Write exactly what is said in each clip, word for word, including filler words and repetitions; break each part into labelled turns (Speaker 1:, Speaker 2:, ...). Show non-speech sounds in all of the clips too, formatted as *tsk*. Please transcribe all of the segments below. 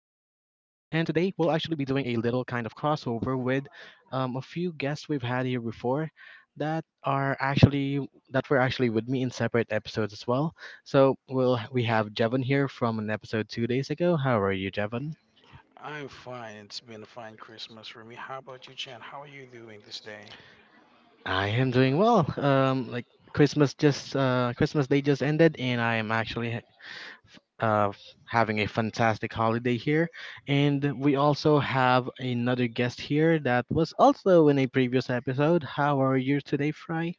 Speaker 1: today we'll actually be doing a little kind of crossover with um, a few guests we've had here before that are actually that were actually with me in separate episodes as well. So we'll we have Jevon here from an episode two days ago. How are you, Jevon?
Speaker 2: I'm fine. It's been a fine Christmas for me. How about you, Chan? How are you doing this day?
Speaker 1: I am doing well. Um, like Christmas just uh, Christmas Day just ended, and I am actually uh, having a fantastic holiday here. And we also have another guest here that was also in a previous episode. How are you today, Fry?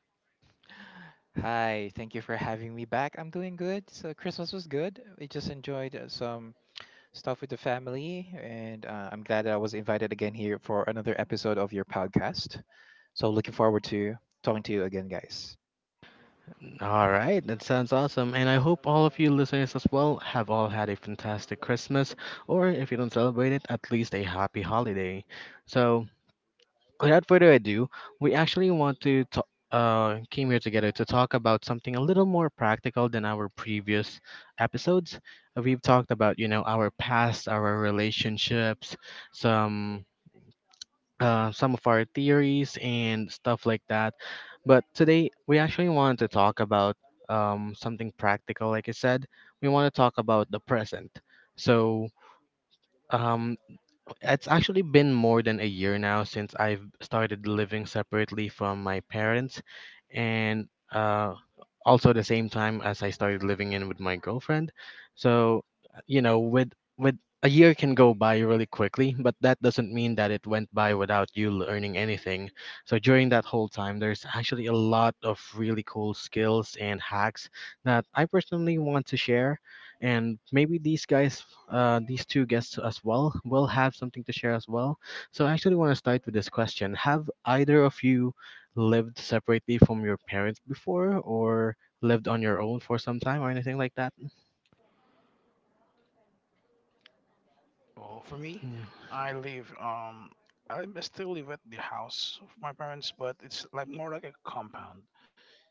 Speaker 3: Hi, thank you for having me back. I'm doing good. So Christmas was good. We just enjoyed uh, some stuff with the family, and uh, I'm glad that I was invited again here for another episode of your podcast. So looking forward to talking to you again, guys.
Speaker 1: All right, that sounds awesome. And I hope all of you listeners as well have all had a fantastic Christmas, or if you don't celebrate it, at least a happy holiday. So, without further ado, we actually want to ta- uh, came here together to talk about something a little more practical than our previous episodes. Uh, We've talked about, you know, our past, our relationships, some uh, some of our theories and stuff like that. But today, we actually want to talk about um, something practical. Like I said, we want to talk about the present. So, um, it's actually been more than a year now since I've started living separately from my parents, and uh, also the same time as I started living in with my girlfriend. So, uh, you know, with with a year can go by really quickly, but that doesn't mean that it went by without you learning anything. So during that whole time, there's actually a lot of really cool skills and hacks that I personally want to share and maybe these guys uh, these two guests as well will have something to share as well. So I actually want to start with this question. Have either of you lived separately from your parents before or lived on your own for some time or anything like that?
Speaker 2: Well, for me,
Speaker 1: Mm.
Speaker 2: I live um I m- still live at the house of my parents, but it's like more like a compound.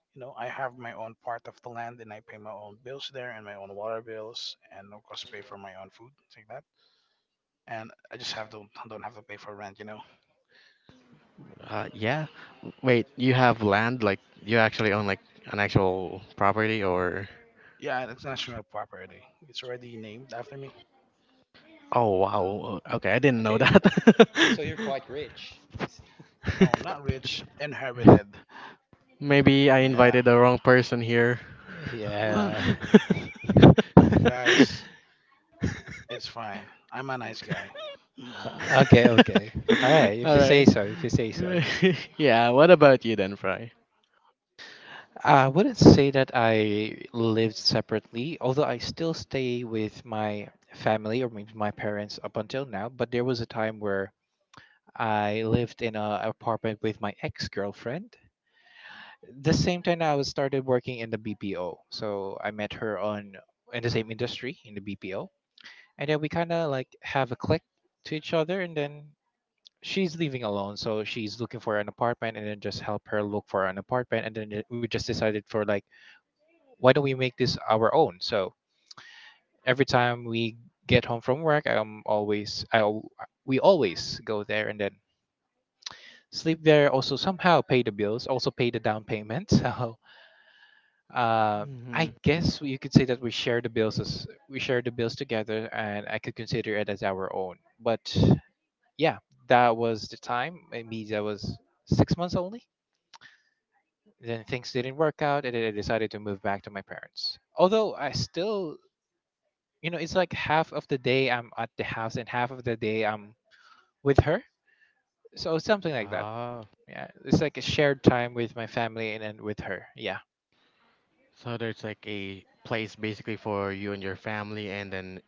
Speaker 2: You know, I have my own part of the land, and I pay my own bills there, and my own water bills, and of course pay for my own food, things like that. And I just have to don't have to pay for rent, you know.
Speaker 1: Uh, yeah. Wait, you have land? Like, you actually own like an actual property or?
Speaker 2: Yeah, it's national property. It's already named after me.
Speaker 1: Oh, wow. Okay, I didn't know
Speaker 3: Okay,
Speaker 1: that.
Speaker 3: so you're quite rich.
Speaker 2: No,
Speaker 1: *laughs*
Speaker 2: not rich,
Speaker 3: *laughs*
Speaker 2: inherited.
Speaker 1: Maybe I
Speaker 2: Yeah.
Speaker 1: invited the wrong person here.
Speaker 3: Yeah.
Speaker 2: *laughs*
Speaker 3: *laughs*
Speaker 2: Guys,
Speaker 1: *laughs*
Speaker 2: it's fine. I'm a nice guy. *sighs*
Speaker 3: Okay, okay. All right,
Speaker 1: *laughs*
Speaker 3: if
Speaker 1: All
Speaker 3: you say
Speaker 1: right.
Speaker 3: so, if you say so.
Speaker 2: Mm. Mm.
Speaker 1: *laughs* yeah. What about you then, Fry?
Speaker 3: I wouldn't say that I lived separately, although I still stay with my family or maybe my parents up until now. But there was a time where I lived in an apartment with my ex girlfriend. The same time I was started working in the B P O, so I met her on in the same industry in the B P O, and then we kind of like have a click to each other, and then she's living alone, so she's looking for an apartment, and then just help her look for an apartment, and then it- we just decided for like why don't we make this our own? So every time we get home from work, I'm always I al- we always go there and then sleep there. Also somehow pay the bills, also pay the down payment. *laughs* So uh, I
Speaker 1: Mm-hmm.
Speaker 3: guess you could say that we share the bills as we share the bills together, and I could consider it as our own. But yeah, that was the time. Maybe that was six months only. Then things didn't work out, and then I decided to move back to my parents. Although I still you know, it's like half of the day I'm at the house and half of the day I'm with her. So something like that.
Speaker 1: Ah,
Speaker 3: Yeah, it's like a shared time with my family and then with her. Yeah.
Speaker 1: so there's like a place basically for you and your family, and then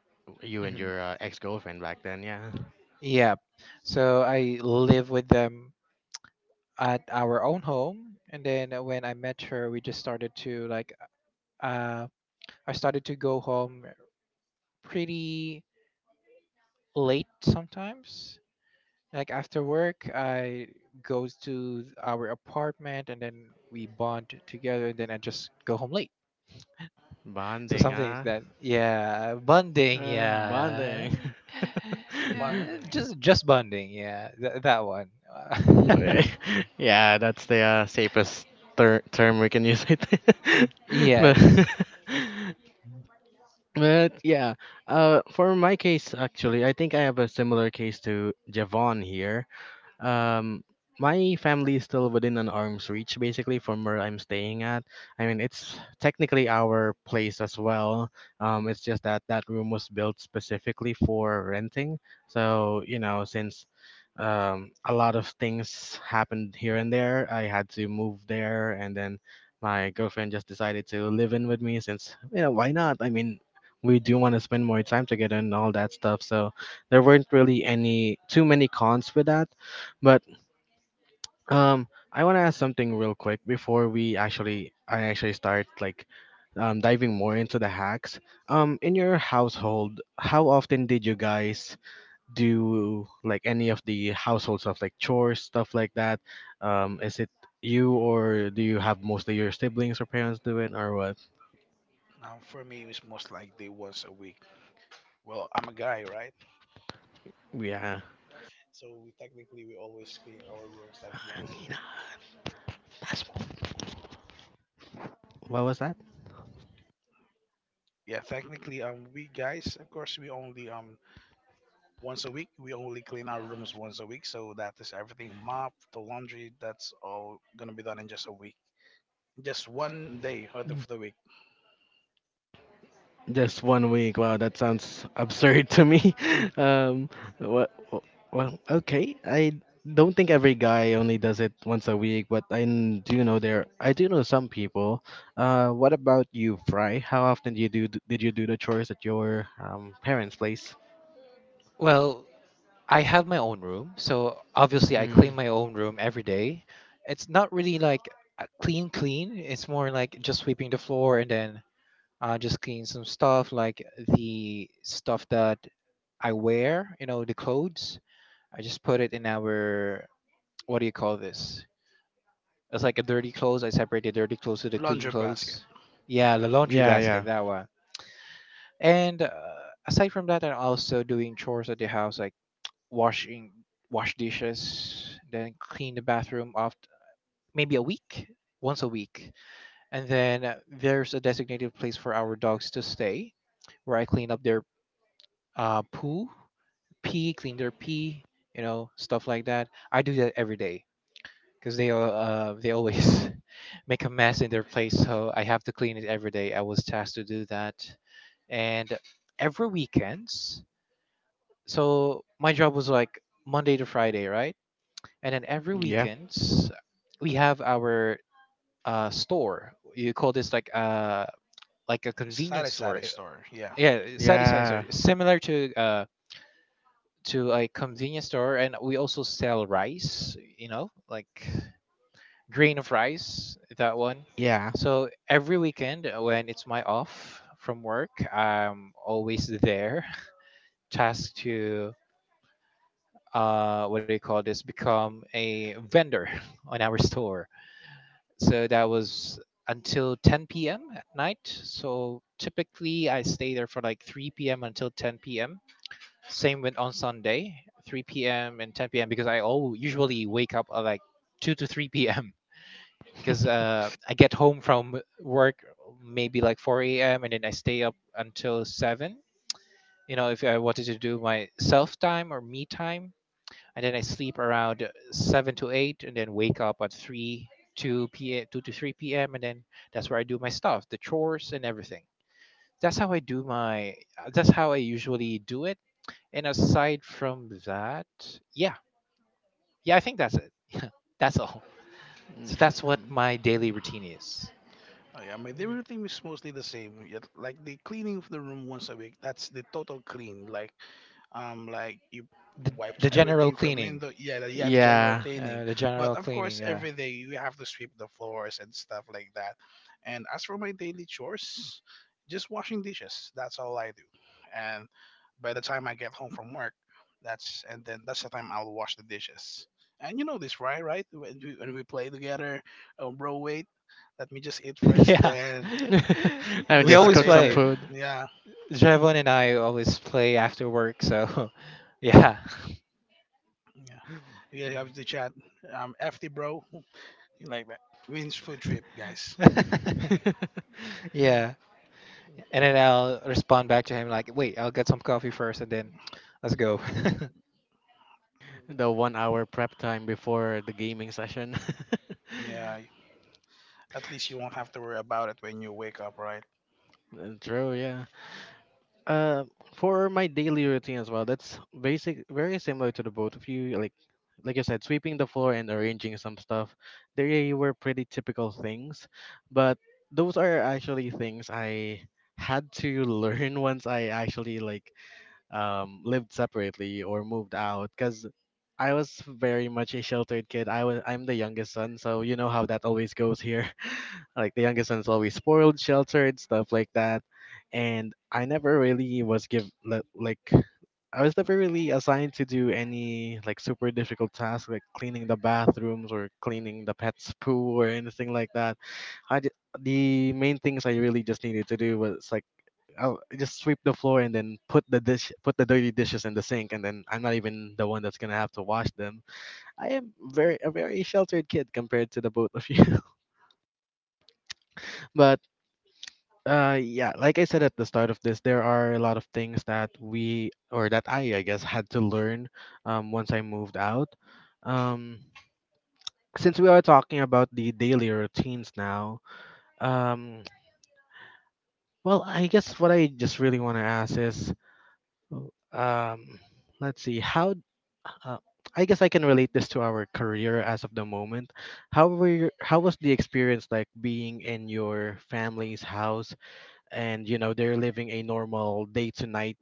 Speaker 1: you and
Speaker 3: hmm
Speaker 1: your uh, ex-girlfriend back then. Yeah,
Speaker 3: Yeah. So I live with them at our own home, and then uh, when I met her, we just started to like. Uh, I started to go home pretty late sometimes. Like after work, I goes to our apartment and then we bond together and then I just go home late. So
Speaker 1: bonding.
Speaker 3: something like
Speaker 1: Ah.
Speaker 3: that. Yeah, bonding.
Speaker 1: Uh,
Speaker 3: Yeah,
Speaker 1: bonding. *laughs*
Speaker 3: yeah,
Speaker 2: Bonding.
Speaker 3: just just bonding. Yeah, Th- that one.
Speaker 1: Eh. *laughs* Yeah, that's the uh, safest ter- term we can use, I think.
Speaker 3: *laughs*
Speaker 1: *laughs* But
Speaker 3: Yes.
Speaker 1: *laughs* but yeah, uh, for my case, actually, I think I have a similar case to Javon here. Um, my family is still within an arm's reach, basically, from where I'm staying at. I mean, it's technically our place as well. Um, it's just that that room was built specifically for renting. So, you know, since um, a lot of things happened here and there, I had to move there, and then my girlfriend just decided to live in with me since, you know, why not? I mean, we do want to spend more time together and all that stuff. So, there weren't really any too many cons with that, but um, I want to ask something real quick before we actually I actually start like um, diving more into the hacks. Um, in your household, how often did you guys do like any of the household stuff, like chores, stuff like that? Um, is it you, or do you have mostly your siblings or parents do it, or what?
Speaker 2: Um, for me, it's most likely once a week. Well, I'm a guy, right?
Speaker 1: Yeah.
Speaker 2: So we technically we always clean our rooms like once a week.
Speaker 1: What was that?
Speaker 2: Yeah, technically, um, we guys, of course, we only um once a week. We only clean our rooms once a week, so that is everything, mop, the laundry. That's all gonna be done in just a week, just one day out of the week.
Speaker 1: Just one week. Wow, that sounds absurd to me. *laughs* Um, what? Well, okay. I don't think every guy only does it once a week, but I n- do know there. I do know some people. Uh, what about you, Fry? How often do you do? Did you do the chores at your um parents' place?
Speaker 3: Well, I have my own room, so obviously I
Speaker 1: Hmm.
Speaker 3: clean my own room every day. It's not really like a clean clean. It's more like just sweeping the floor and then uh, just clean some stuff like the stuff that I wear. You know, the clothes. I just put it in our what do you call this? It's like a dirty clothes. I separate the dirty clothes to the clean
Speaker 2: Laundry basket,
Speaker 3: clothes. Yeah, the laundry
Speaker 1: Yeah, yeah,
Speaker 3: basket, that one. And uh, aside from that, I'm also doing chores at the house, like washing, wash dishes, then clean the bathroom off maybe a week, once a week. And then uh, there's a designated place for our dogs to stay, where I clean up their uh, poo, pee, clean their pee, you know, stuff like that. I do that every day, because they al- uh, they always *laughs* make a mess in their place. So I have to clean it every day. I was tasked to do that, and every weekends. So my job was like Monday to Friday, right? And then every
Speaker 1: yeah,
Speaker 3: weekends we have our uh, store. You call this like uh like a convenience
Speaker 2: sari
Speaker 3: store?
Speaker 2: sari store. Yeah.
Speaker 3: Yeah, sorry, sorry, sorry.
Speaker 1: yeah,
Speaker 3: Similar to uh to a convenience store, and we also sell rice. You know, like grain of rice, that one.
Speaker 1: yeah.
Speaker 3: So every weekend uh, when it's my off from work, I'm always there, *laughs* tasked to uh, what do you call this? Become a vendor *laughs* on our store. So that was until ten p m at night. So typically I stay there for like three p m until ten p m. Same went on Sunday, three p m and ten p m because I all usually wake up at like two to three p m because uh, I get home from work maybe like four a m and then I stay up until seven. You know, if I wanted to do my self time or me time, and then I sleep around seven to eight and then wake up at three two p m two to three p m and then that's where I do my stuff, the chores and everything. That's how I do my that's how I usually do it. And aside from that, yeah. Yeah, I think that's it. *laughs* That's all. So
Speaker 1: Mm.
Speaker 3: that's what my daily routine is.
Speaker 2: Oh yeah, my daily routine is mostly the same. Yet, like the cleaning of the room once a week, that's the total clean. Like um like you
Speaker 3: The,
Speaker 2: wipes
Speaker 3: the general
Speaker 2: everything from
Speaker 3: cleaning.
Speaker 2: window, yeah the, yeah, the general
Speaker 1: Yeah.
Speaker 2: cleaning.
Speaker 3: Uh, the
Speaker 2: But
Speaker 3: general
Speaker 2: of
Speaker 3: cleaning,
Speaker 2: course
Speaker 3: yeah.
Speaker 2: every day you have to sweep the floors and stuff like that. And as for my daily chores, just washing dishes, that's all I do. And by the time I get home from work, that's and then that's the time I'll wash the dishes. And you know this, right right when we, when we play together, oh bro, wait, let me just eat
Speaker 3: *laughs*
Speaker 2: first,
Speaker 3: Yeah.
Speaker 2: then
Speaker 1: *laughs* I
Speaker 3: *laughs*
Speaker 1: would
Speaker 2: let's
Speaker 3: We
Speaker 1: just
Speaker 2: start
Speaker 3: always
Speaker 1: cook some
Speaker 3: play.
Speaker 2: later.
Speaker 1: food.
Speaker 2: Yeah,
Speaker 3: Javon and I always play after work, so *laughs* yeah.
Speaker 2: yeah we have to chat. um F T bro. Means food trip, guys.
Speaker 3: *laughs* Yeah.
Speaker 1: *laughs*
Speaker 3: And then I'll respond back to him like, wait, I'll get some coffee first and then *tsk* let's go.
Speaker 1: The one hour prep time before the gaming session. *laughs*
Speaker 2: Yeah, at least you won't have to worry about it when you wake up, right?
Speaker 1: Uh, True, yeah. Uh, for my daily routine as well, that's basic, very similar to the both of you. Like, like I said, sweeping the floor and arranging some stuff. They were pretty typical things, but those are actually things I had to learn *laughs* once I actually like um, lived separately or moved out, because I was very much a sheltered kid. I was I'm the youngest son, so you know how that always goes here. *laughs* Like the youngest son is always spoiled, sheltered, stuff like that. And I never really was give li- like I was never really assigned to do any like super difficult tasks like cleaning the bathrooms or cleaning the pet's poo or anything like that. I ju- the main things I really just needed to do was like I'll just sweep the floor and then put the dish, put the dirty dishes in the sink, and then I'm not even the one that's gonna have to wash them. I am very a very sheltered kid compared to the both of you. *laughs* But uh, yeah, like I said at the start of this, there are a lot of things that we or that I, I guess, had to learn um, once I moved out. Um, since we are talking about the daily routines now, um, well, I guess what I just really want to ask is, um, let's see, how Uh, I guess I can relate this to our career as of the moment. How were your, how was the experience like being in your family's house, and you know they're living a normal day to night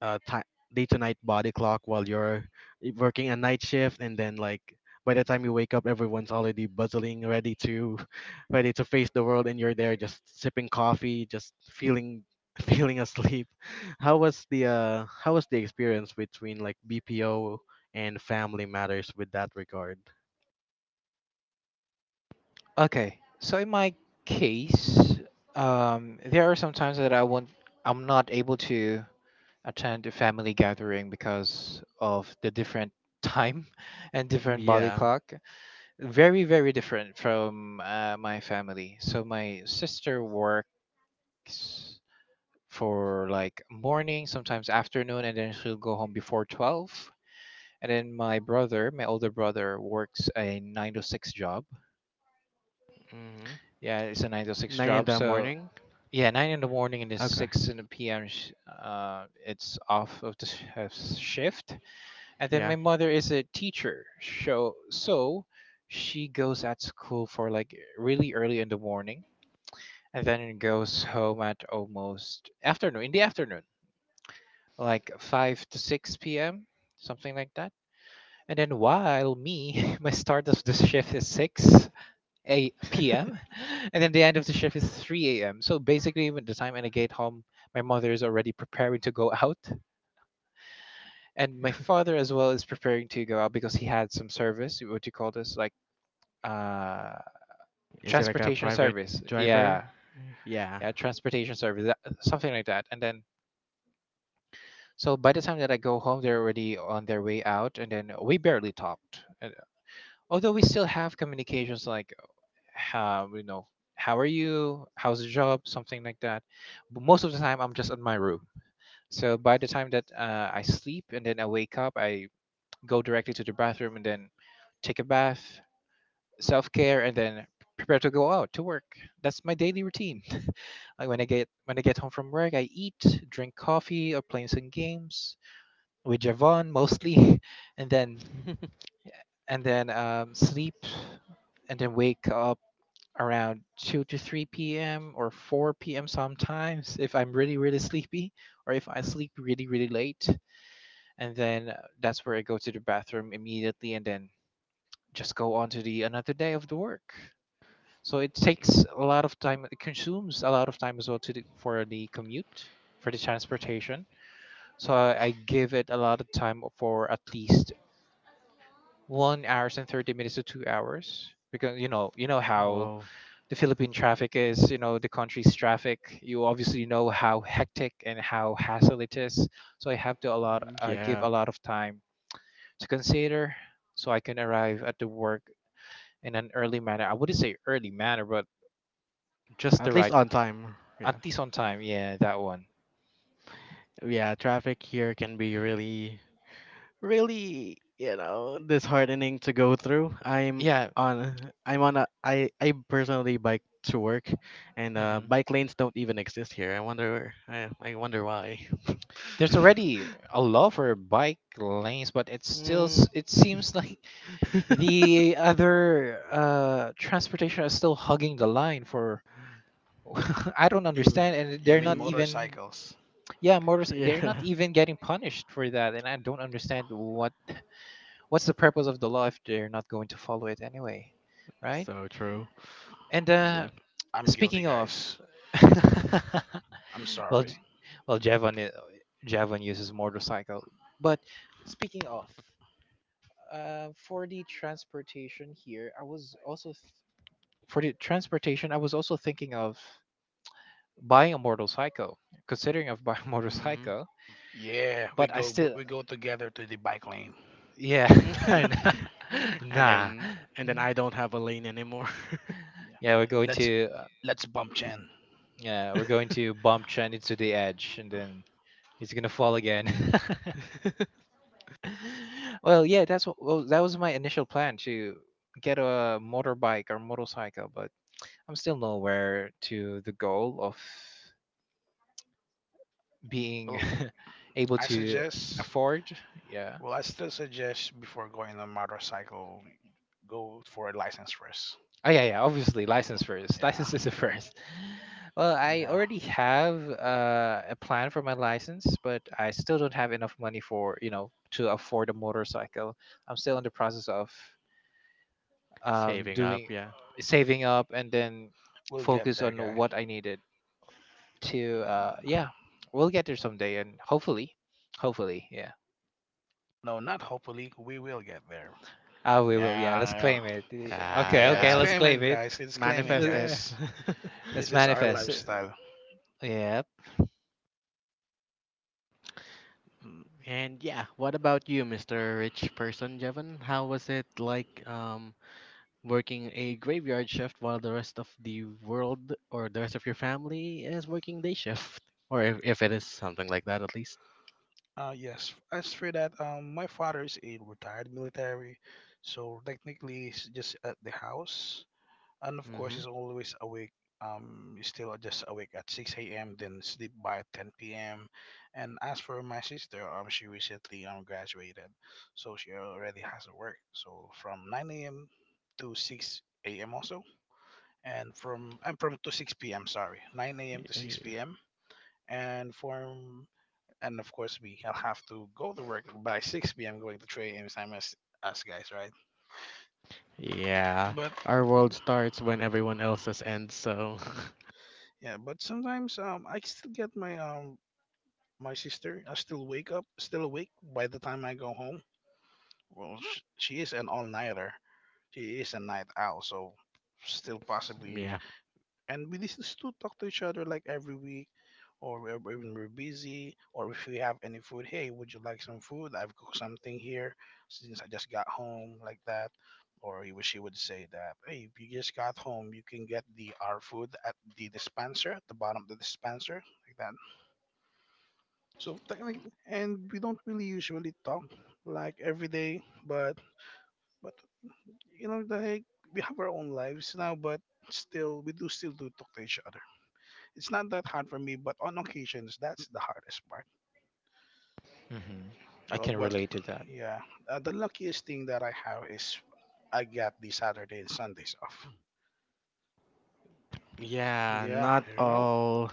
Speaker 1: uh ti day to night body clock, while you're working a night shift, and then like by the time you wake up everyone's already bustling, ready to *laughs* ready to face the world, and you're there just sipping coffee, just feeling *laughs* feeling asleep? How was the uh how was the experience between like BPO and family matters with that regard?
Speaker 3: *laughs* Okay. So in my case, um, there are some times that I want I'm not able to attend a family gathering because of the different time *laughs* and different body
Speaker 1: Yeah.
Speaker 3: clock. Very very different from uh, my family. So my sister works for like morning sometimes afternoon and then she'll go home before twelve, and then my brother my older brother works a nine to six job.
Speaker 1: Hmm.
Speaker 3: Yeah, it's a nine to six
Speaker 1: nine in
Speaker 3: job.
Speaker 1: the
Speaker 3: So
Speaker 1: morning
Speaker 3: yeah, nine in the morning and then
Speaker 1: Okay.
Speaker 3: six in the pm sh- uh, it's off of the sh- uh, shift. And then my
Speaker 1: Yeah.
Speaker 3: mother is a teacher, so so she goes at school for like really early in the morning and then it goes home at almost afternoon in the afternoon, like five to six p.m, something like that. And then while me, *laughs* my start of the shift is six a p m,
Speaker 1: *laughs*
Speaker 3: *laughs* and then the end of the shift is three a.m. So basically when the time and I get home, my mother is already preparing to go out, and my father as well is preparing to go out because he had some service. What do you call this, like uh
Speaker 1: Is it like a
Speaker 3: transportation
Speaker 1: private
Speaker 3: service?
Speaker 1: driver?
Speaker 3: Yeah,
Speaker 1: Yeah.
Speaker 3: yeah, transportation service, that- something like that. And then so by the time that I go home, they're already on their way out, and then we barely talked. Uh, Although we still have communications like, how, you know, how are you? How's the job? Something like that. But most of the time, I'm just in my room. So by the time that uh, I sleep and then I wake up, I go directly to the bathroom and then take a bath, self care, and then prepare to go out to work. That's my daily routine. *laughs* Like when I get when I get home from work, I eat, drink coffee, or play some games with Javon mostly, *laughs* and then
Speaker 1: *laughs*
Speaker 3: and then um, sleep, and then wake up around two to three p.m. or four p.m. sometimes if I'm really really sleepy or if I sleep really really late, and then uh, that's where I go to the bathroom immediately, and then just go on to the another day of the work. So it takes a lot of time. It consumes a lot of time as well to the, for the commute, for the transportation. So I, I give it a lot of time for at least one hours and thirty minutes to two hours, because you know you know how
Speaker 1: Wow.
Speaker 3: the philippine traffic is, you know, the country's traffic, you obviously know how hectic and how hassle it is. So I have to a lot
Speaker 1: Mm.
Speaker 3: uh, give
Speaker 1: Yeah.
Speaker 3: a lot of time to consider so I can arrive at the work in an early manner. I wouldn't say early manner but just the
Speaker 1: At least
Speaker 3: right
Speaker 1: on time.
Speaker 3: at
Speaker 1: Yeah.
Speaker 3: least on time. Yeah, that one.
Speaker 1: Yeah, traffic here can be really, really, you know, disheartening to go through. I'm
Speaker 3: Yeah.
Speaker 1: on I'm on a I I personally bike to work, and uh
Speaker 3: hmm
Speaker 1: bike lanes don't even exist here. I wonder I I wonder why.
Speaker 3: there's already
Speaker 1: *laughs*
Speaker 3: a law for bike lanes but it's still
Speaker 1: Mm.
Speaker 3: s- it seems like
Speaker 1: *laughs*
Speaker 3: the other uh, transportation is still hugging the line for. *laughs* I don't
Speaker 2: You,
Speaker 3: understand, and
Speaker 2: you
Speaker 3: they're not
Speaker 2: mean
Speaker 1: Mm.
Speaker 3: even.
Speaker 2: motorcycles?
Speaker 3: Yeah, motors. They're not
Speaker 1: Yeah.
Speaker 3: even getting punished for that, and I don't understand what what's the purpose of the law if they're not going to follow it anyway, right?
Speaker 1: So true.
Speaker 3: And uh,
Speaker 1: Yeah.
Speaker 2: I'm guilty,
Speaker 3: speaking of,
Speaker 2: guys.
Speaker 3: *laughs*
Speaker 2: I'm
Speaker 3: well, J-
Speaker 2: sorry.
Speaker 3: well, Javon, i- Javon uses motorcycle, but speaking of, uh, for the transportation here, I was also for the transportation, I was also thinking of buying a motorcycle, considering of buying a *laughs*
Speaker 1: Hmm.
Speaker 3: motorcycle.
Speaker 2: Yeah, we
Speaker 3: But I
Speaker 2: go
Speaker 3: still,
Speaker 2: but we go together to the bike lane.
Speaker 3: yeah, *laughs*
Speaker 2: *laughs*
Speaker 3: nah,
Speaker 2: yeah,
Speaker 1: *laughs* and
Speaker 3: nah.
Speaker 1: then and then I don't have a lane anymore.
Speaker 3: Yeah, we're going
Speaker 2: let's
Speaker 3: to, uh,
Speaker 2: let's bump Chen.
Speaker 3: yeah, we're going
Speaker 1: *laughs*
Speaker 3: to bump Chen into the edge, and then he's gonna fall again.
Speaker 1: *laughs*
Speaker 3: *laughs* Well, yeah, that's what, well, that was my initial plan to get a motorbike or motorcycle, but I'm still nowhere to the goal of being
Speaker 2: Well,
Speaker 3: *laughs* able
Speaker 2: I
Speaker 3: to
Speaker 2: suggest.
Speaker 3: afford. Yeah,
Speaker 2: Well, I still suggest, before going on motorcycle, go for a license first.
Speaker 3: oh yeah, yeah. Obviously, license first.
Speaker 2: Yeah,
Speaker 3: License is the first. *laughs* Well, I
Speaker 2: yeah,
Speaker 3: already have uh, a plan for my license, but I still don't have enough money for you know to afford a motorcycle. I'm still in the process of um,
Speaker 1: Saving
Speaker 3: doing
Speaker 1: up, yeah.
Speaker 3: uh, saving up and then
Speaker 2: we'll get
Speaker 3: focus
Speaker 2: there,
Speaker 3: on
Speaker 2: guy.
Speaker 3: what I needed to. Uh, yeah, we'll get there someday, and hopefully, hopefully, yeah.
Speaker 2: No, not hopefully. We will get there.
Speaker 3: Ah, we will. Yeah, let's
Speaker 2: Yeah, yeah.
Speaker 3: claim it. Yeah,
Speaker 1: Yeah,
Speaker 3: okay,
Speaker 2: Yeah,
Speaker 3: okay,
Speaker 2: it's
Speaker 1: yeah.
Speaker 3: let's
Speaker 2: claim
Speaker 3: claim
Speaker 2: it,
Speaker 3: it.
Speaker 2: guys.
Speaker 3: *laughs*
Speaker 2: It's claim it,
Speaker 1: Manifest it.
Speaker 2: guys.
Speaker 3: Let's
Speaker 2: This is our
Speaker 3: manifest.
Speaker 2: lifestyle.
Speaker 3: Yep.
Speaker 2: Mm.
Speaker 1: *laughs* And yeah, what about you, mister Rich Person Jevon? How was it like um working a graveyard shift while the rest of the world or the rest of your family is working day shift? Or if, if it is something like that at least.
Speaker 2: Uh, yes. As for that, um, my father is a retired military, so technically he's just at the house. And of course
Speaker 1: Hmm.
Speaker 2: he's always awake, um he's still just awake at six a m., then sleep by ten p m. And as for my sister, um she recently um graduated, so she already has to work, so from nine a m. to six a m. also, and from I'm from to six p m., sorry, nine a m. to six p m. and from and of course we I'll have to go to work by six p m. going to three a m., same as us guys, right?
Speaker 1: Yeah.
Speaker 2: But
Speaker 1: Our world starts when everyone else's ends, so
Speaker 2: yeah, but sometimes um I still get my um my sister. I still wake up, still awake by the time I go home. Well, sh- she is an all nighter. She is a night owl, so still possibly.
Speaker 1: *laughs* yeah.
Speaker 2: And we just used to talk to each other like every week, or we- or when we're busy, or if we have any food. Hey, would you like some food? I've cooked something here since I just got home, like that. Or he wish he would say that, hey, if you just got home, you can get the our food at the dispenser at the bottom of the dispenser, like that. So technically, and we don't really usually talk like every day, but but you know, like we have our own lives now, but still we do still do talk to each other. It's not that hard for me, but on occasions, that's the hardest part.
Speaker 3: Hmm, I
Speaker 2: Uh,
Speaker 3: can
Speaker 2: what,
Speaker 3: relate to that.
Speaker 2: yeah, uh, the luckiest thing that I have is I got the Saturday and Sundays off.
Speaker 1: Yeah,
Speaker 2: Yeah,
Speaker 1: not
Speaker 2: you know,
Speaker 1: all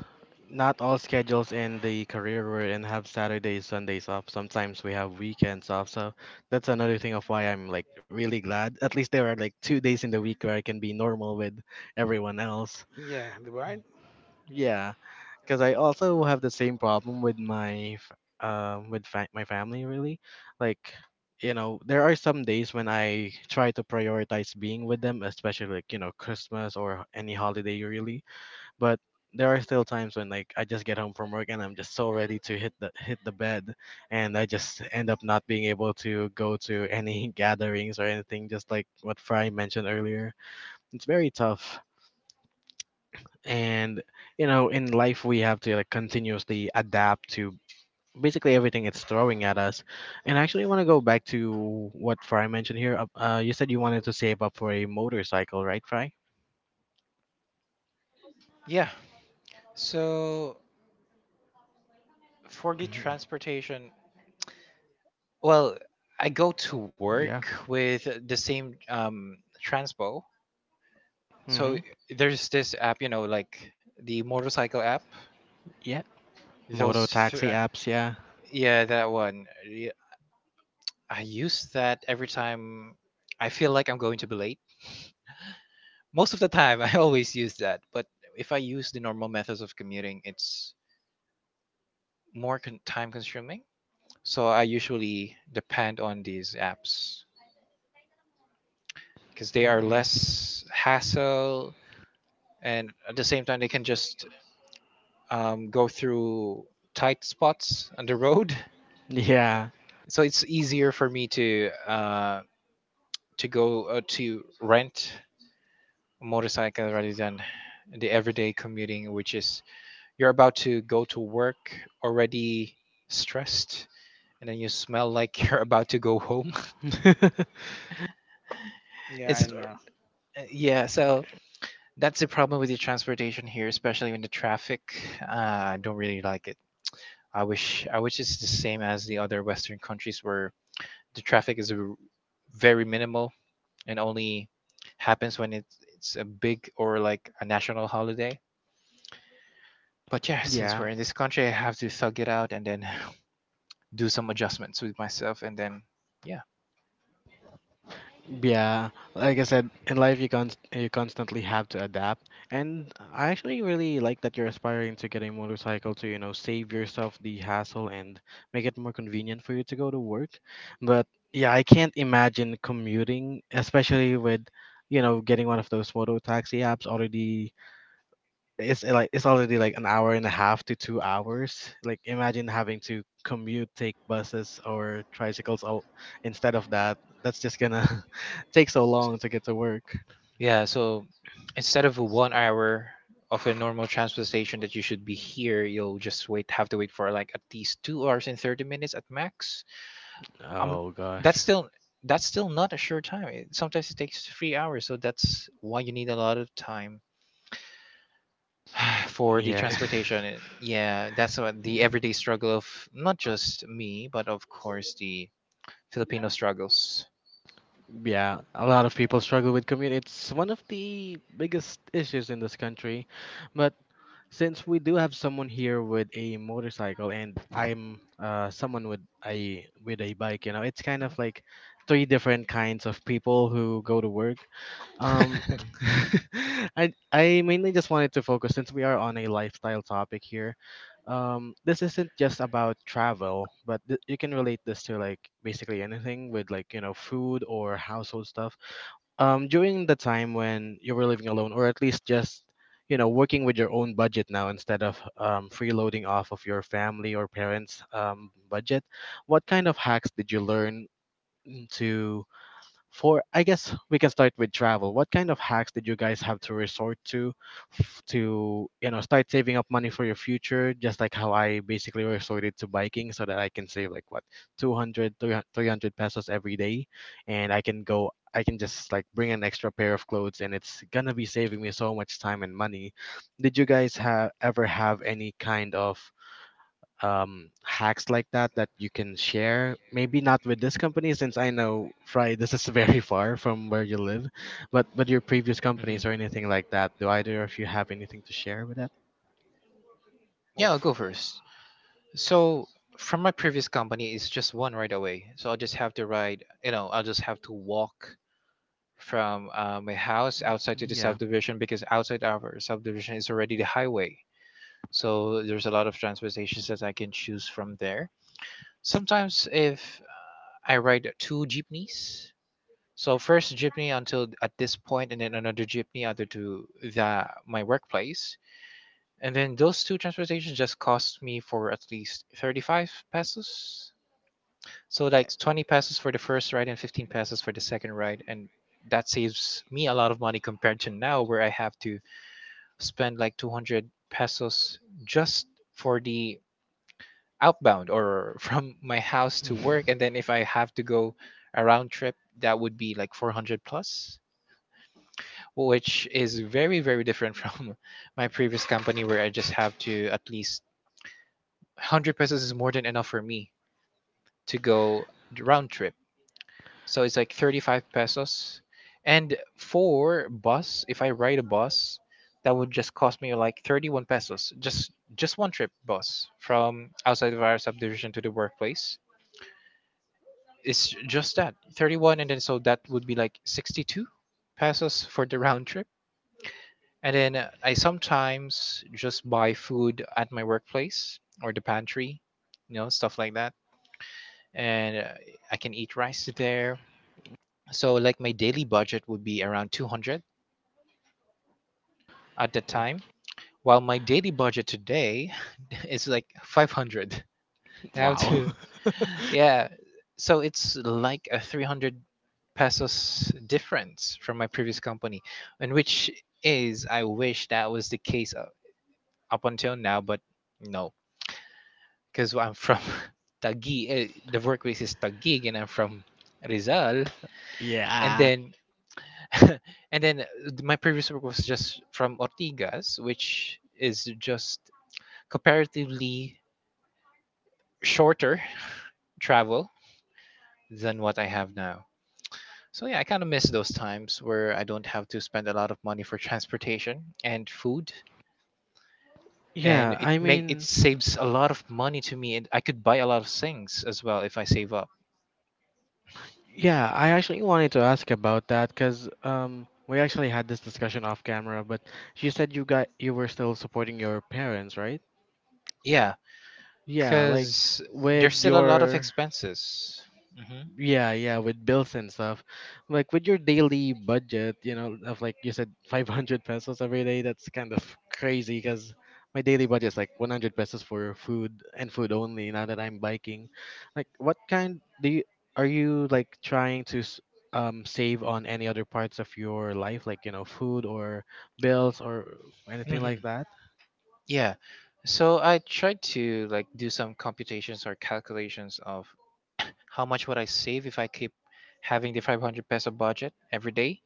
Speaker 1: not all schedules in the career we're in have Saturdays, Sundays off. Sometimes we have weekends off. So that's another thing of why I'm like really glad. At least there are like two days in the week where I can be normal with everyone else.
Speaker 2: yeah, right?
Speaker 1: Yeah, because I also have the same problem with my f- um with fa- my family, really. Like you know, there are some days when I try to prioritize being with them, especially like you know Christmas or any holiday, really, but there are still times when like I just get home from work and I'm just so ready to hit the hit the bed, and I just end up not being able to go to any *laughs* gatherings or anything. Just like what Fry mentioned earlier, it's very tough. And you know, in life we have to like continuously adapt to basically everything it's throwing at us. And I actually want to go back to what Fry mentioned here. Uh, uh, you said you wanted to save up for a motorcycle, right, Fry?
Speaker 3: Yeah. So for the
Speaker 1: Mhm.
Speaker 3: transportation, well, I go to
Speaker 1: Yeah.
Speaker 3: work with the same um, transpo. So
Speaker 1: Mm-hmm.
Speaker 3: there's this app, you know, like the motorcycle app.
Speaker 1: Yeah. Moto
Speaker 3: Those, th-
Speaker 1: taxi apps. Yeah.
Speaker 3: yeah, that one. Yeah, I use that every time I feel like I'm going to be late. Most of the time, *laughs* I always use that. But if I use the normal methods of commuting, it's more con- time consuming. So I usually depend on these apps because they are
Speaker 1: Mm.
Speaker 3: less hassle, and at the same time, they can just um, go through tight spots on the road. *laughs*
Speaker 2: Yeah,
Speaker 1: Yeah.
Speaker 3: So it's easier for me to uh, to go uh, to rent a motorcycle rather than the everyday commuting, which is you're about to go to work already stressed, and then you smell like *laughs* you're about to go home.
Speaker 1: *laughs*
Speaker 3: *laughs*
Speaker 2: yeah,
Speaker 3: It's
Speaker 2: I know.
Speaker 3: uh, Yeah, so that's the problem with the transportation here, especially in the traffic. Uh, I don't really like it. I wish I wish it's the same as the other Western countries where the traffic is r- very minimal and only happens when it, it's a big or like a national holiday. But yeah, since
Speaker 1: Yeah,
Speaker 3: we're in this country, I have to thug it out and then *laughs* do some adjustments with myself, and then yeah.
Speaker 1: yeah. Like I said, in life you const you constantly have to adapt. And I actually really like that you're aspiring to get a motorcycle to, you know, save yourself the hassle and make it more convenient for you to go to work. But yeah, I can't imagine commuting, especially with, you know, getting one of those moto taxi apps already. It's uh, Like, it's already like an hour and a half to two hours. Like, imagine having to commute, take buses or tricycles all instead of that. That's just gonna *laughs* take so long to get to work.
Speaker 3: Yeah, so instead of one hour of a normal transportation that you should be here, you'll just wait have to wait for like at least two hours and thirty minutes at max. Um,
Speaker 1: Oh gosh.
Speaker 3: that's still that's still not a sure time. It, sometimes it takes three hours, so that's why you need a lot of time *sighs* for the
Speaker 1: Yeah. *laughs*
Speaker 3: transportation. And yeah, that's what the everyday struggle of not just me, but of course the Filipino struggles.
Speaker 1: Yeah, a lot of people struggle with commute. It's one of the biggest issues in this country. But since we do have someone here with a motorcycle and I'm uh someone with a with a bike, you know, it's kind of like three different kinds of people who go to work. Um *laughs* I I mainly just wanted to focus since we are on a lifestyle topic here. Um this isn't just about travel, but th- you can relate this to like basically anything with like, you know, food or household stuff um, during the time when you were living alone, or at least just you know working with your own budget now instead of um, freeloading off of your family or parents' um, budget. What kind of hacks did you learn to for I guess we can start with travel. What kind of hacks did you guys have to resort to f- to you know start saving up money for your future? Just like how I basically resorted to biking so that I can save like what two hundred three hundred pesos every day, and I can go I can just like bring an extra pair of clothes, and it's gonna be saving me so much time and money. Did you guys have ever have any kind of um, hacks like that that you can share? Maybe not with this company, since I know, Fry, this is *laughs* very far from where you live, but but your previous companies or
Speaker 3: Hmm.
Speaker 1: anything like that. Do either of you have anything to share with that?
Speaker 2: Well,
Speaker 3: Yeah, I'll
Speaker 2: f-
Speaker 3: go first. So from my previous company, it's just one right away. So I'll just have to ride, you know, I'll just have to walk from uh, my house outside to the
Speaker 1: Yeah.
Speaker 3: subdivision because outside our subdivision is already the highway. So there's a lot of transportations that I can choose from there. Sometimes if I ride two jeepneys, so first jeepney until at this point, and then another jeepney other to the my workplace, and then those two transportations just cost me for at least thirty-five pesos. So like
Speaker 2: eh,
Speaker 3: twenty pesos for the first ride and fifteen pesos for the second ride, and that saves me a lot of money compared to now where I have to spend like two hundred pesos just for the outbound or *laughs* from my house to work.
Speaker 1: *laughs*
Speaker 3: And then if I have to go a round trip, that would be like four hundred plus, which is very very different from *laughs* my previous company where I just have to at least one hundred pesos is more than enough for me to go the round trip. So it's like thirty-five pesos. And for bus, if I ride a bus, that would just cost me like thirty-one pesos. Just just one trip bus from outside of our subdivision to the workplace. It's just that thirty-one, and then so that would be like sixty-two pesos for the round trip. And then uh, I sometimes just buy food at my workplace or the pantry, you know, stuff like that. And uh, I can eat rice there. So like my daily budget would be around two hundred at that
Speaker 1: Oh,
Speaker 3: time, while my daily budget today *laughs* is like five hundred. *laughs* I have
Speaker 1: wow.
Speaker 3: to,
Speaker 1: *laughs*
Speaker 3: yeah. So it's like a three hundred pesos difference from my previous company, and which is, I wish that was the case up, up until now, but no, because I'm from *laughs* Taguig, eh, the workplace is Taguig, and I'm from Rizal, and
Speaker 1: Yeah.
Speaker 3: then *laughs* and then my previous work was just from Ortigas, which is just comparatively shorter travel than what I have now. So yeah, I kind of miss those times where I don't have to spend a lot of money for transportation and food, and
Speaker 1: Yeah,
Speaker 3: it
Speaker 1: I
Speaker 3: make it
Speaker 1: mean,
Speaker 3: saves a lot of money to me, and I could buy a lot of things as well if I save up.
Speaker 1: yeah, I actually wanted to ask about that because um, we actually had this discussion off camera, but you said you got you were still supporting your parents, right?
Speaker 3: Yeah,
Speaker 1: Yeah, like
Speaker 3: because there's
Speaker 1: with
Speaker 3: still a lot of
Speaker 1: your.
Speaker 3: expenses.
Speaker 1: Yeah, yeah, with bills and stuff. Like with your daily budget, you know, of like you said *laughs* five hundred pesos every day, that's kind of crazy because my daily budget is like one hundred pesos for food and food only now that I'm biking. Like what kind do you are you like trying to s- um save on any other parts of your life, like, you know, food or bills or
Speaker 3: Hmm.
Speaker 1: anything
Speaker 3: Hmm.
Speaker 1: like that?
Speaker 3: Yeah, so I tried to like do some computations or calculations of how much would I save if I keep having the five hundred peso budget every day.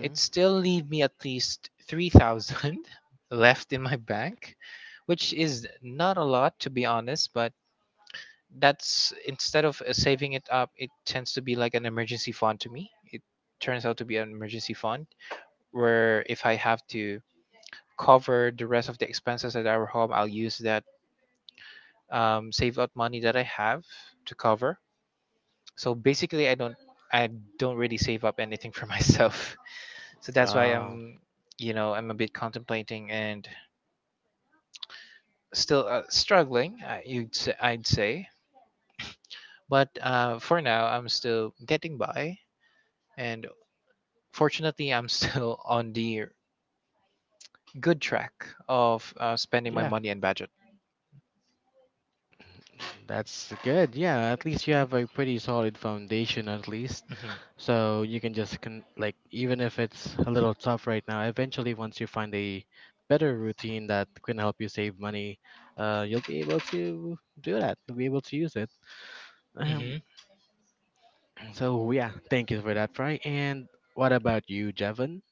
Speaker 3: It still leave me at least three thousand *laughs* left in my bank, which is not a lot to be honest, but that's instead of uh, saving it up, it tends to be like an emergency fund to me. It turns out to be an emergency fund where if I have to cover the rest of the expenses at our home, I'll use that um, save up money that I have to cover. So basically i don't i don't really save up anything for *laughs* myself. So that's why I'm,
Speaker 1: Uh,
Speaker 3: you know, I'm a bit contemplating and still uh, struggling. I, you'd say, I'd say, but uh, for now, I'm still getting by, and fortunately, I'm still *laughs* on the good track of uh, spending my
Speaker 1: yeah,
Speaker 3: money and budget.
Speaker 1: that's good. Yeah, at least you have a pretty solid foundation at least. So you can just con- like even if it's a little tough right now, eventually once you find a better routine that can help you save money, uh, you'll be able to do that. You'll be able to use it. Um,
Speaker 3: Mm-hmm.
Speaker 1: *clears throat* so yeah, thank you for that, Fry. And what about you, Jevon?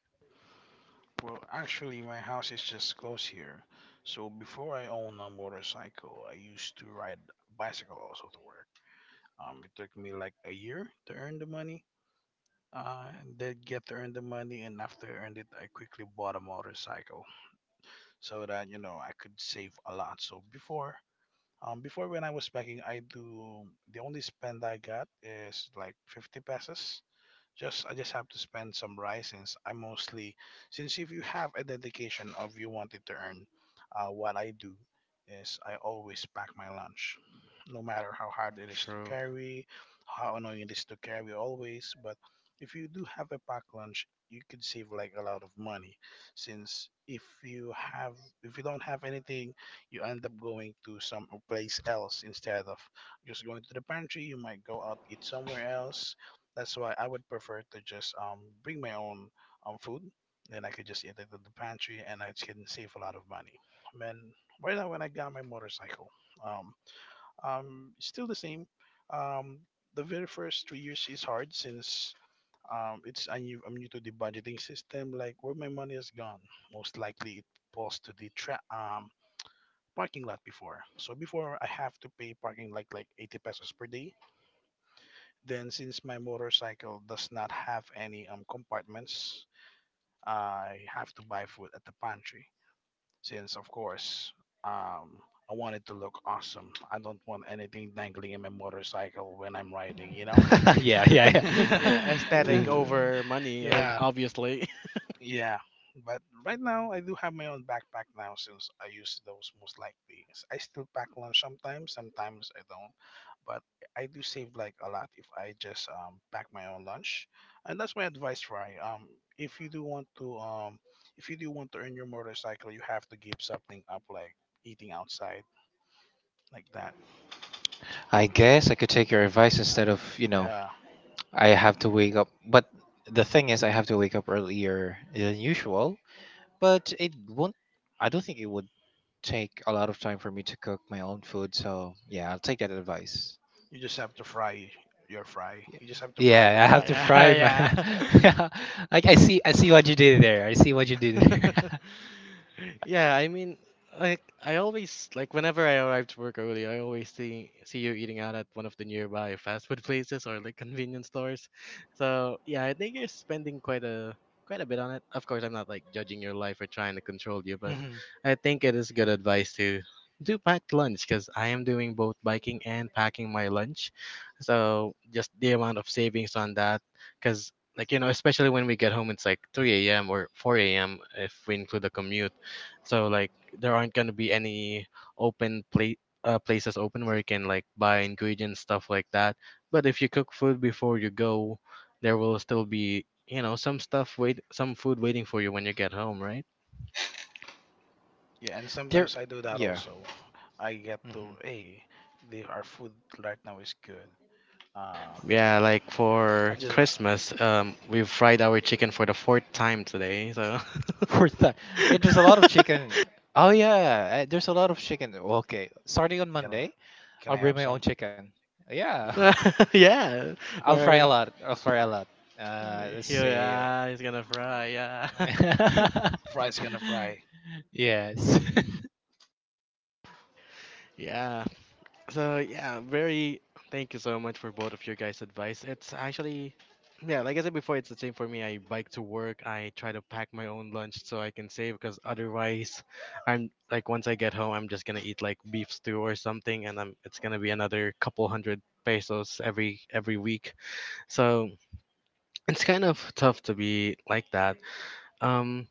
Speaker 2: well, actually, my house is just close here. So before I own a motorcycle, I used to ride bicycle also to work. Um, it took me like a year to earn the money. Uh, did get to earn the money, and after I earned it, I quickly bought a motorcycle. So that you know I could save a lot. So before, um, before, when I was packing, I do the only spend I got is like fifty pesos. Just I just have to spend some rice, since I mostly since if you have a dedication of you wanted to earn, uh, what I do is I always pack my lunch, no matter how hard it is to
Speaker 1: True.
Speaker 2: carry, how annoying it is to carry always. But if you do have a packed lunch, you could save like a lot of money. Since if you have if you don't have anything, you end up going to some place else instead of just going to the pantry. You might go out eat somewhere else. That's why I would prefer to just um bring my own um food. Then I could just eat it at the pantry, and I can save a lot of money. Man, right now when I got my motorcycle, um, um, still the same. Um, the very first three years is hard, since um it's I'm new, I'm new, to the budgeting system. Like, where my money has gone, most likely it falls to the tra- um parking lot before. So before I have to pay parking like like eighty pesos per day. Then, since my motorcycle does not have any um, compartments, I have to buy food at the pantry. Since, of course, um, I want it to look awesome. I don't want anything dangling in my motorcycle when I'm riding, you know?
Speaker 3: *laughs* Yeah, yeah,
Speaker 1: *laughs*
Speaker 3: yeah.
Speaker 1: Yeah,
Speaker 3: *laughs* Uh,
Speaker 1: aesthetic
Speaker 2: *laughs*
Speaker 1: over money, ob-
Speaker 2: yeah,
Speaker 1: obviously.
Speaker 2: yeah. But right now, I do have my own backpack now, since I use those most likely. I still pack lunch sometimes, sometimes I don't, but I do save like a lot if I just um, pack my own lunch. And that's my advice, Ryan. Um, if you do want to um, If you do want to earn your motorcycle, you have to give something up, like eating outside, like that.
Speaker 3: I guess I could take your advice instead of, you know,
Speaker 2: Yeah,
Speaker 3: I have to wake up. But the thing is, I have to wake up earlier than usual. But it won't, I don't think it would take a lot of time for me to cook my own food. So yeah, I'll take that advice.
Speaker 2: you just have to fry your fry. You just have to fry
Speaker 3: Yeah,
Speaker 2: your
Speaker 3: yeah, I have to
Speaker 2: fry.
Speaker 1: *laughs*
Speaker 3: fry my.
Speaker 1: Yeah, *laughs*
Speaker 3: *laughs*
Speaker 1: yeah.
Speaker 3: Yeah, like I see, I see what you did there. I see what you did there.
Speaker 1: *laughs* Yeah, I mean, like I always, like whenever I arrive to work early, I always see see you eating out at one of the nearby fast food *laughs* places or like convenience stores. So yeah, I think you're spending quite a quite a bit on it. Of course, I'm not like judging your life or trying to control you,
Speaker 3: *laughs*
Speaker 1: but
Speaker 3: Hmm.
Speaker 1: I think it is good advice to do packed lunch because I am doing both biking and packing my lunch. So just the amount of savings on that. Because like you know especially when we get home, it's like three a m a.m or four a m a.m if we include the commute. So like there aren't going to be any open plate uh, places open where you can like buy ingredients, stuff like that. But if you cook food before you go, there will still be you know some stuff wait some food waiting for you when you get home, right?
Speaker 2: Yeah, and
Speaker 3: There,
Speaker 2: sometimes I do that
Speaker 3: yeah.
Speaker 2: also. I get
Speaker 3: Hmm.
Speaker 2: to, hey, the, our food right now is good. Uh,
Speaker 1: Yeah,
Speaker 2: okay,
Speaker 1: like
Speaker 2: I
Speaker 1: for
Speaker 2: just uh,
Speaker 1: Christmas, um we've fried our chicken for the fourth time today, so
Speaker 3: *laughs* For that, yeah, there's a lot of chicken. Oh yeah, uh, there's a lot of chicken. Okay, starting on
Speaker 2: can I,
Speaker 3: Monday,
Speaker 2: can
Speaker 3: I'll
Speaker 2: I
Speaker 3: bring
Speaker 2: have
Speaker 3: my own
Speaker 2: some
Speaker 3: chicken. Yeah, *laughs* of course.
Speaker 1: *laughs* *laughs* yeah.
Speaker 3: I'll fry a
Speaker 1: Or
Speaker 3: lot. I'll fry a lot. Uh,
Speaker 1: Uh,
Speaker 3: let's
Speaker 1: here,
Speaker 3: see.
Speaker 1: ah, gonna fry, yeah. *laughs*
Speaker 2: fries? Gonna fry.
Speaker 3: *laughs* Yes. *laughs*
Speaker 1: Yeah. So yeah, very thank you so much for both of your guys' advice. It's actually yeah, like I said before, it's the same for me. I bike to work. I try to pack my own lunch so I can save because otherwise I'm like, once I get home, I'm just gonna eat like beef stew or something and I'm it's gonna be another couple hundred pesos every every week. So it's kind of tough to be like that. Um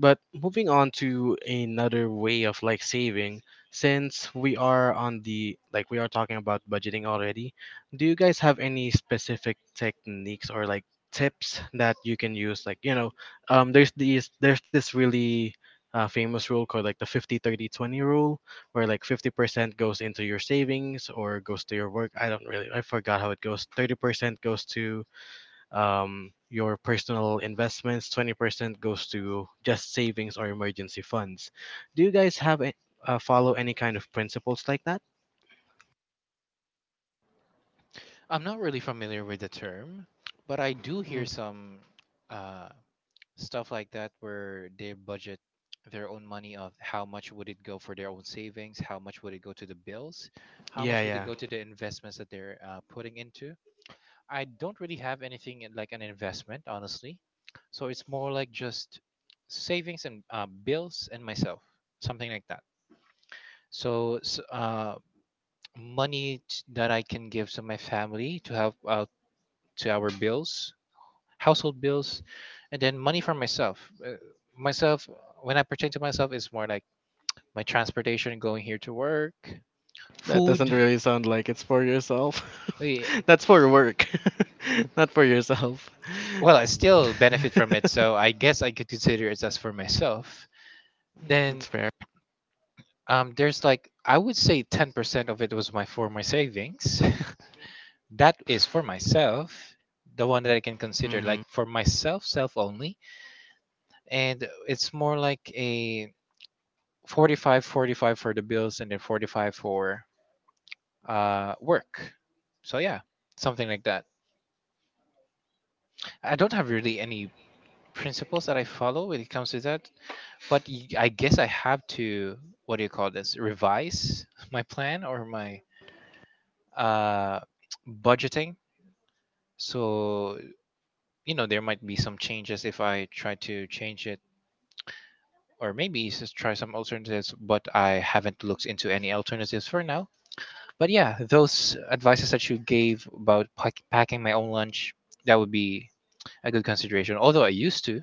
Speaker 1: But moving on to another way of like saving, since we are on the like we are talking about budgeting already, do you guys have any specific techniques or like tips that you can use? Like, you know, um there's these there's this really uh, famous rule called like the fifty thirty twenty rule, where like fifty percent goes into your savings or goes to your work. I don't really. I forgot how it goes. thirty percent goes to um, your personal investments, twenty percent goes to just savings or emergency funds. Do you guys have a, uh, follow any kind of principles like that?
Speaker 3: I'm not really familiar with the term, but I do
Speaker 1: Mm,
Speaker 3: hear some uh, stuff like that where they budget their own money of how much would it go for their own savings, how much would it go to the bills, how
Speaker 1: yeah,
Speaker 3: much would it
Speaker 1: yeah,
Speaker 3: go to the investments that they're uh, putting into. I don't really have anything in- like an investment, honestly. So it's more like just savings and uh, bills and myself, something like that. So s- uh, money t- that I can give to my family to help out to our bills, household bills, and then money for myself. Uh, Myself, when I pertain to myself, it's more like my transportation going here to work,
Speaker 1: that doesn't
Speaker 3: food.
Speaker 1: really sound like it's for yourself.
Speaker 3: eh,
Speaker 1: *laughs* That's for work. *laughs* Not for yourself.
Speaker 3: Well, I still benefit from it,
Speaker 1: *laughs*
Speaker 3: so I guess I could consider it as for myself. Then
Speaker 1: That's fair.
Speaker 3: um, there's like I would say ten percent of it was my for my savings. *laughs* That is for myself, the one that I can consider like
Speaker 1: Hmm,
Speaker 3: for myself, self only, and it's more like a Forty five, forty five for the bills and then forty-five for uh, work. So yeah, something like that. I don't have really any principles that I follow when it comes to that, but y- I guess I have to what do you call this? Revise *laughs* my plan or my uh, *tsk* budgeting. So you know there might be some changes if I try to change it, or maybe just try some alternatives. But I haven't looked into any alternatives for now. But yeah, those advices that you gave about pack- packing my own lunch, that would be a good consideration. Although I used to, I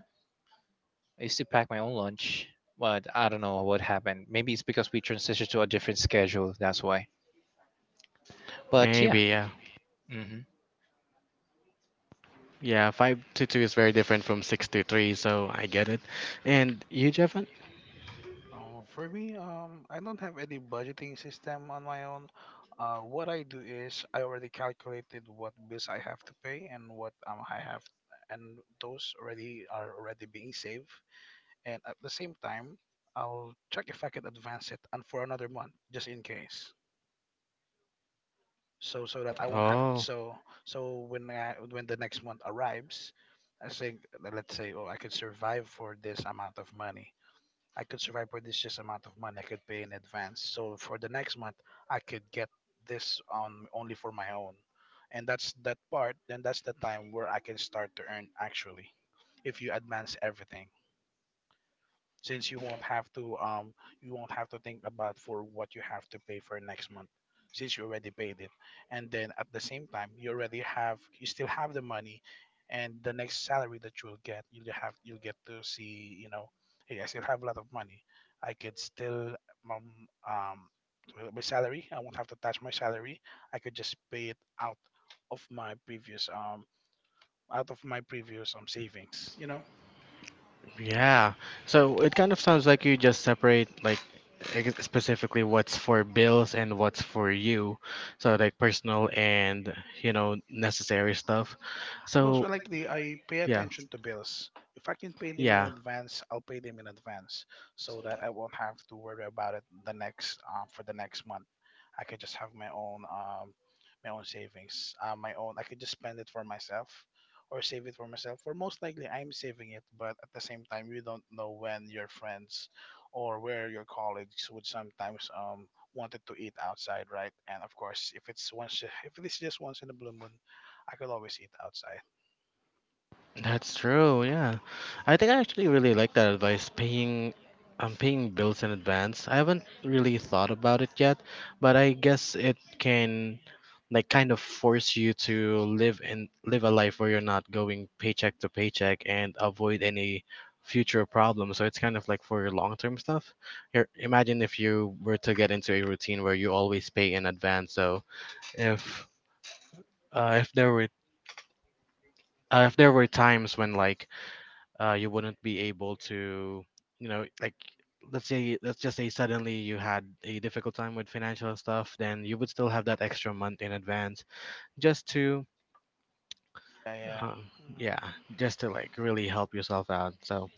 Speaker 3: used to pack my own lunch, but I don't know what happened. Maybe it's because we transitioned to a different schedule, that's why. But yeah.
Speaker 1: maybe. Yeah,
Speaker 3: Hmm.
Speaker 1: yeah, five to two is very different from six to three, so I get it. And you, Jeffan?
Speaker 2: Um, for me, um, I don't have any budgeting system on my own. Uh, what I do is I already calculated what bills I have to pay and what um I have, and those already are already being saved. And at the same time, I'll check if I can advance it and for another month, just in case. So so that I won't have.
Speaker 1: Oh,
Speaker 2: So so when I, when the next month arrives, I think, let's say, oh, I could survive for this amount of money, I could survive with this just amount of money, I could pay in advance. So for the next month, I could get this on only for my own, and that's that part. Then that's the time where I can start to earn actually. If you advance everything, since you won't have to um you won't have to think about for what you have to pay for next month, since you already paid it. And then at the same time, you already have you still have the money, and the next salary that you'll get, you'll have you'll get to see, you know, hey, I still have a lot of money, I could still, um, um well, my salary I won't have to touch my salary, I could just pay it out of my previous um out of my previous um savings, you know.
Speaker 1: yeah. So it kind of sounds like you just separate like ex- specifically what's for bills and what's for you. So like personal and, you know, necessary stuff.
Speaker 2: Most
Speaker 1: So
Speaker 2: likely, I pay
Speaker 1: yeah.
Speaker 2: attention to bills. If I can pay them in
Speaker 1: Yeah.
Speaker 2: advance, I'll pay them in advance so that I won't have to worry about it the next um, for the next month. I could just have my own um, my own savings, uh, my own. I could just spend it for myself or save it for myself. Or most likely, I'm saving it, but at the same time, you don't know when your friends or where your colleagues would sometimes um wanted to eat outside, right? And of course, if it's once if it is just once in a blue moon, I could always eat outside.
Speaker 1: That's true. Yeah, I think I actually really like that advice. Paying, um, paying bills in advance. I haven't really thought about it yet, but I guess it can, like, kind of force you to live and live a life where you're not going paycheck to paycheck and avoid any future problems. So it's kind of like for your long-term stuff. Here, imagine if you were to get into a routine where you always pay in advance. So if uh, if there were uh, if there were times when like uh, you wouldn't be able to, you know, like let's say let's just say suddenly you had a difficult time with financial stuff, then you would still have that extra month in advance just to,
Speaker 2: Yeah, yeah.
Speaker 1: um, yeah,
Speaker 2: Yeah.
Speaker 1: just to like really help yourself out. So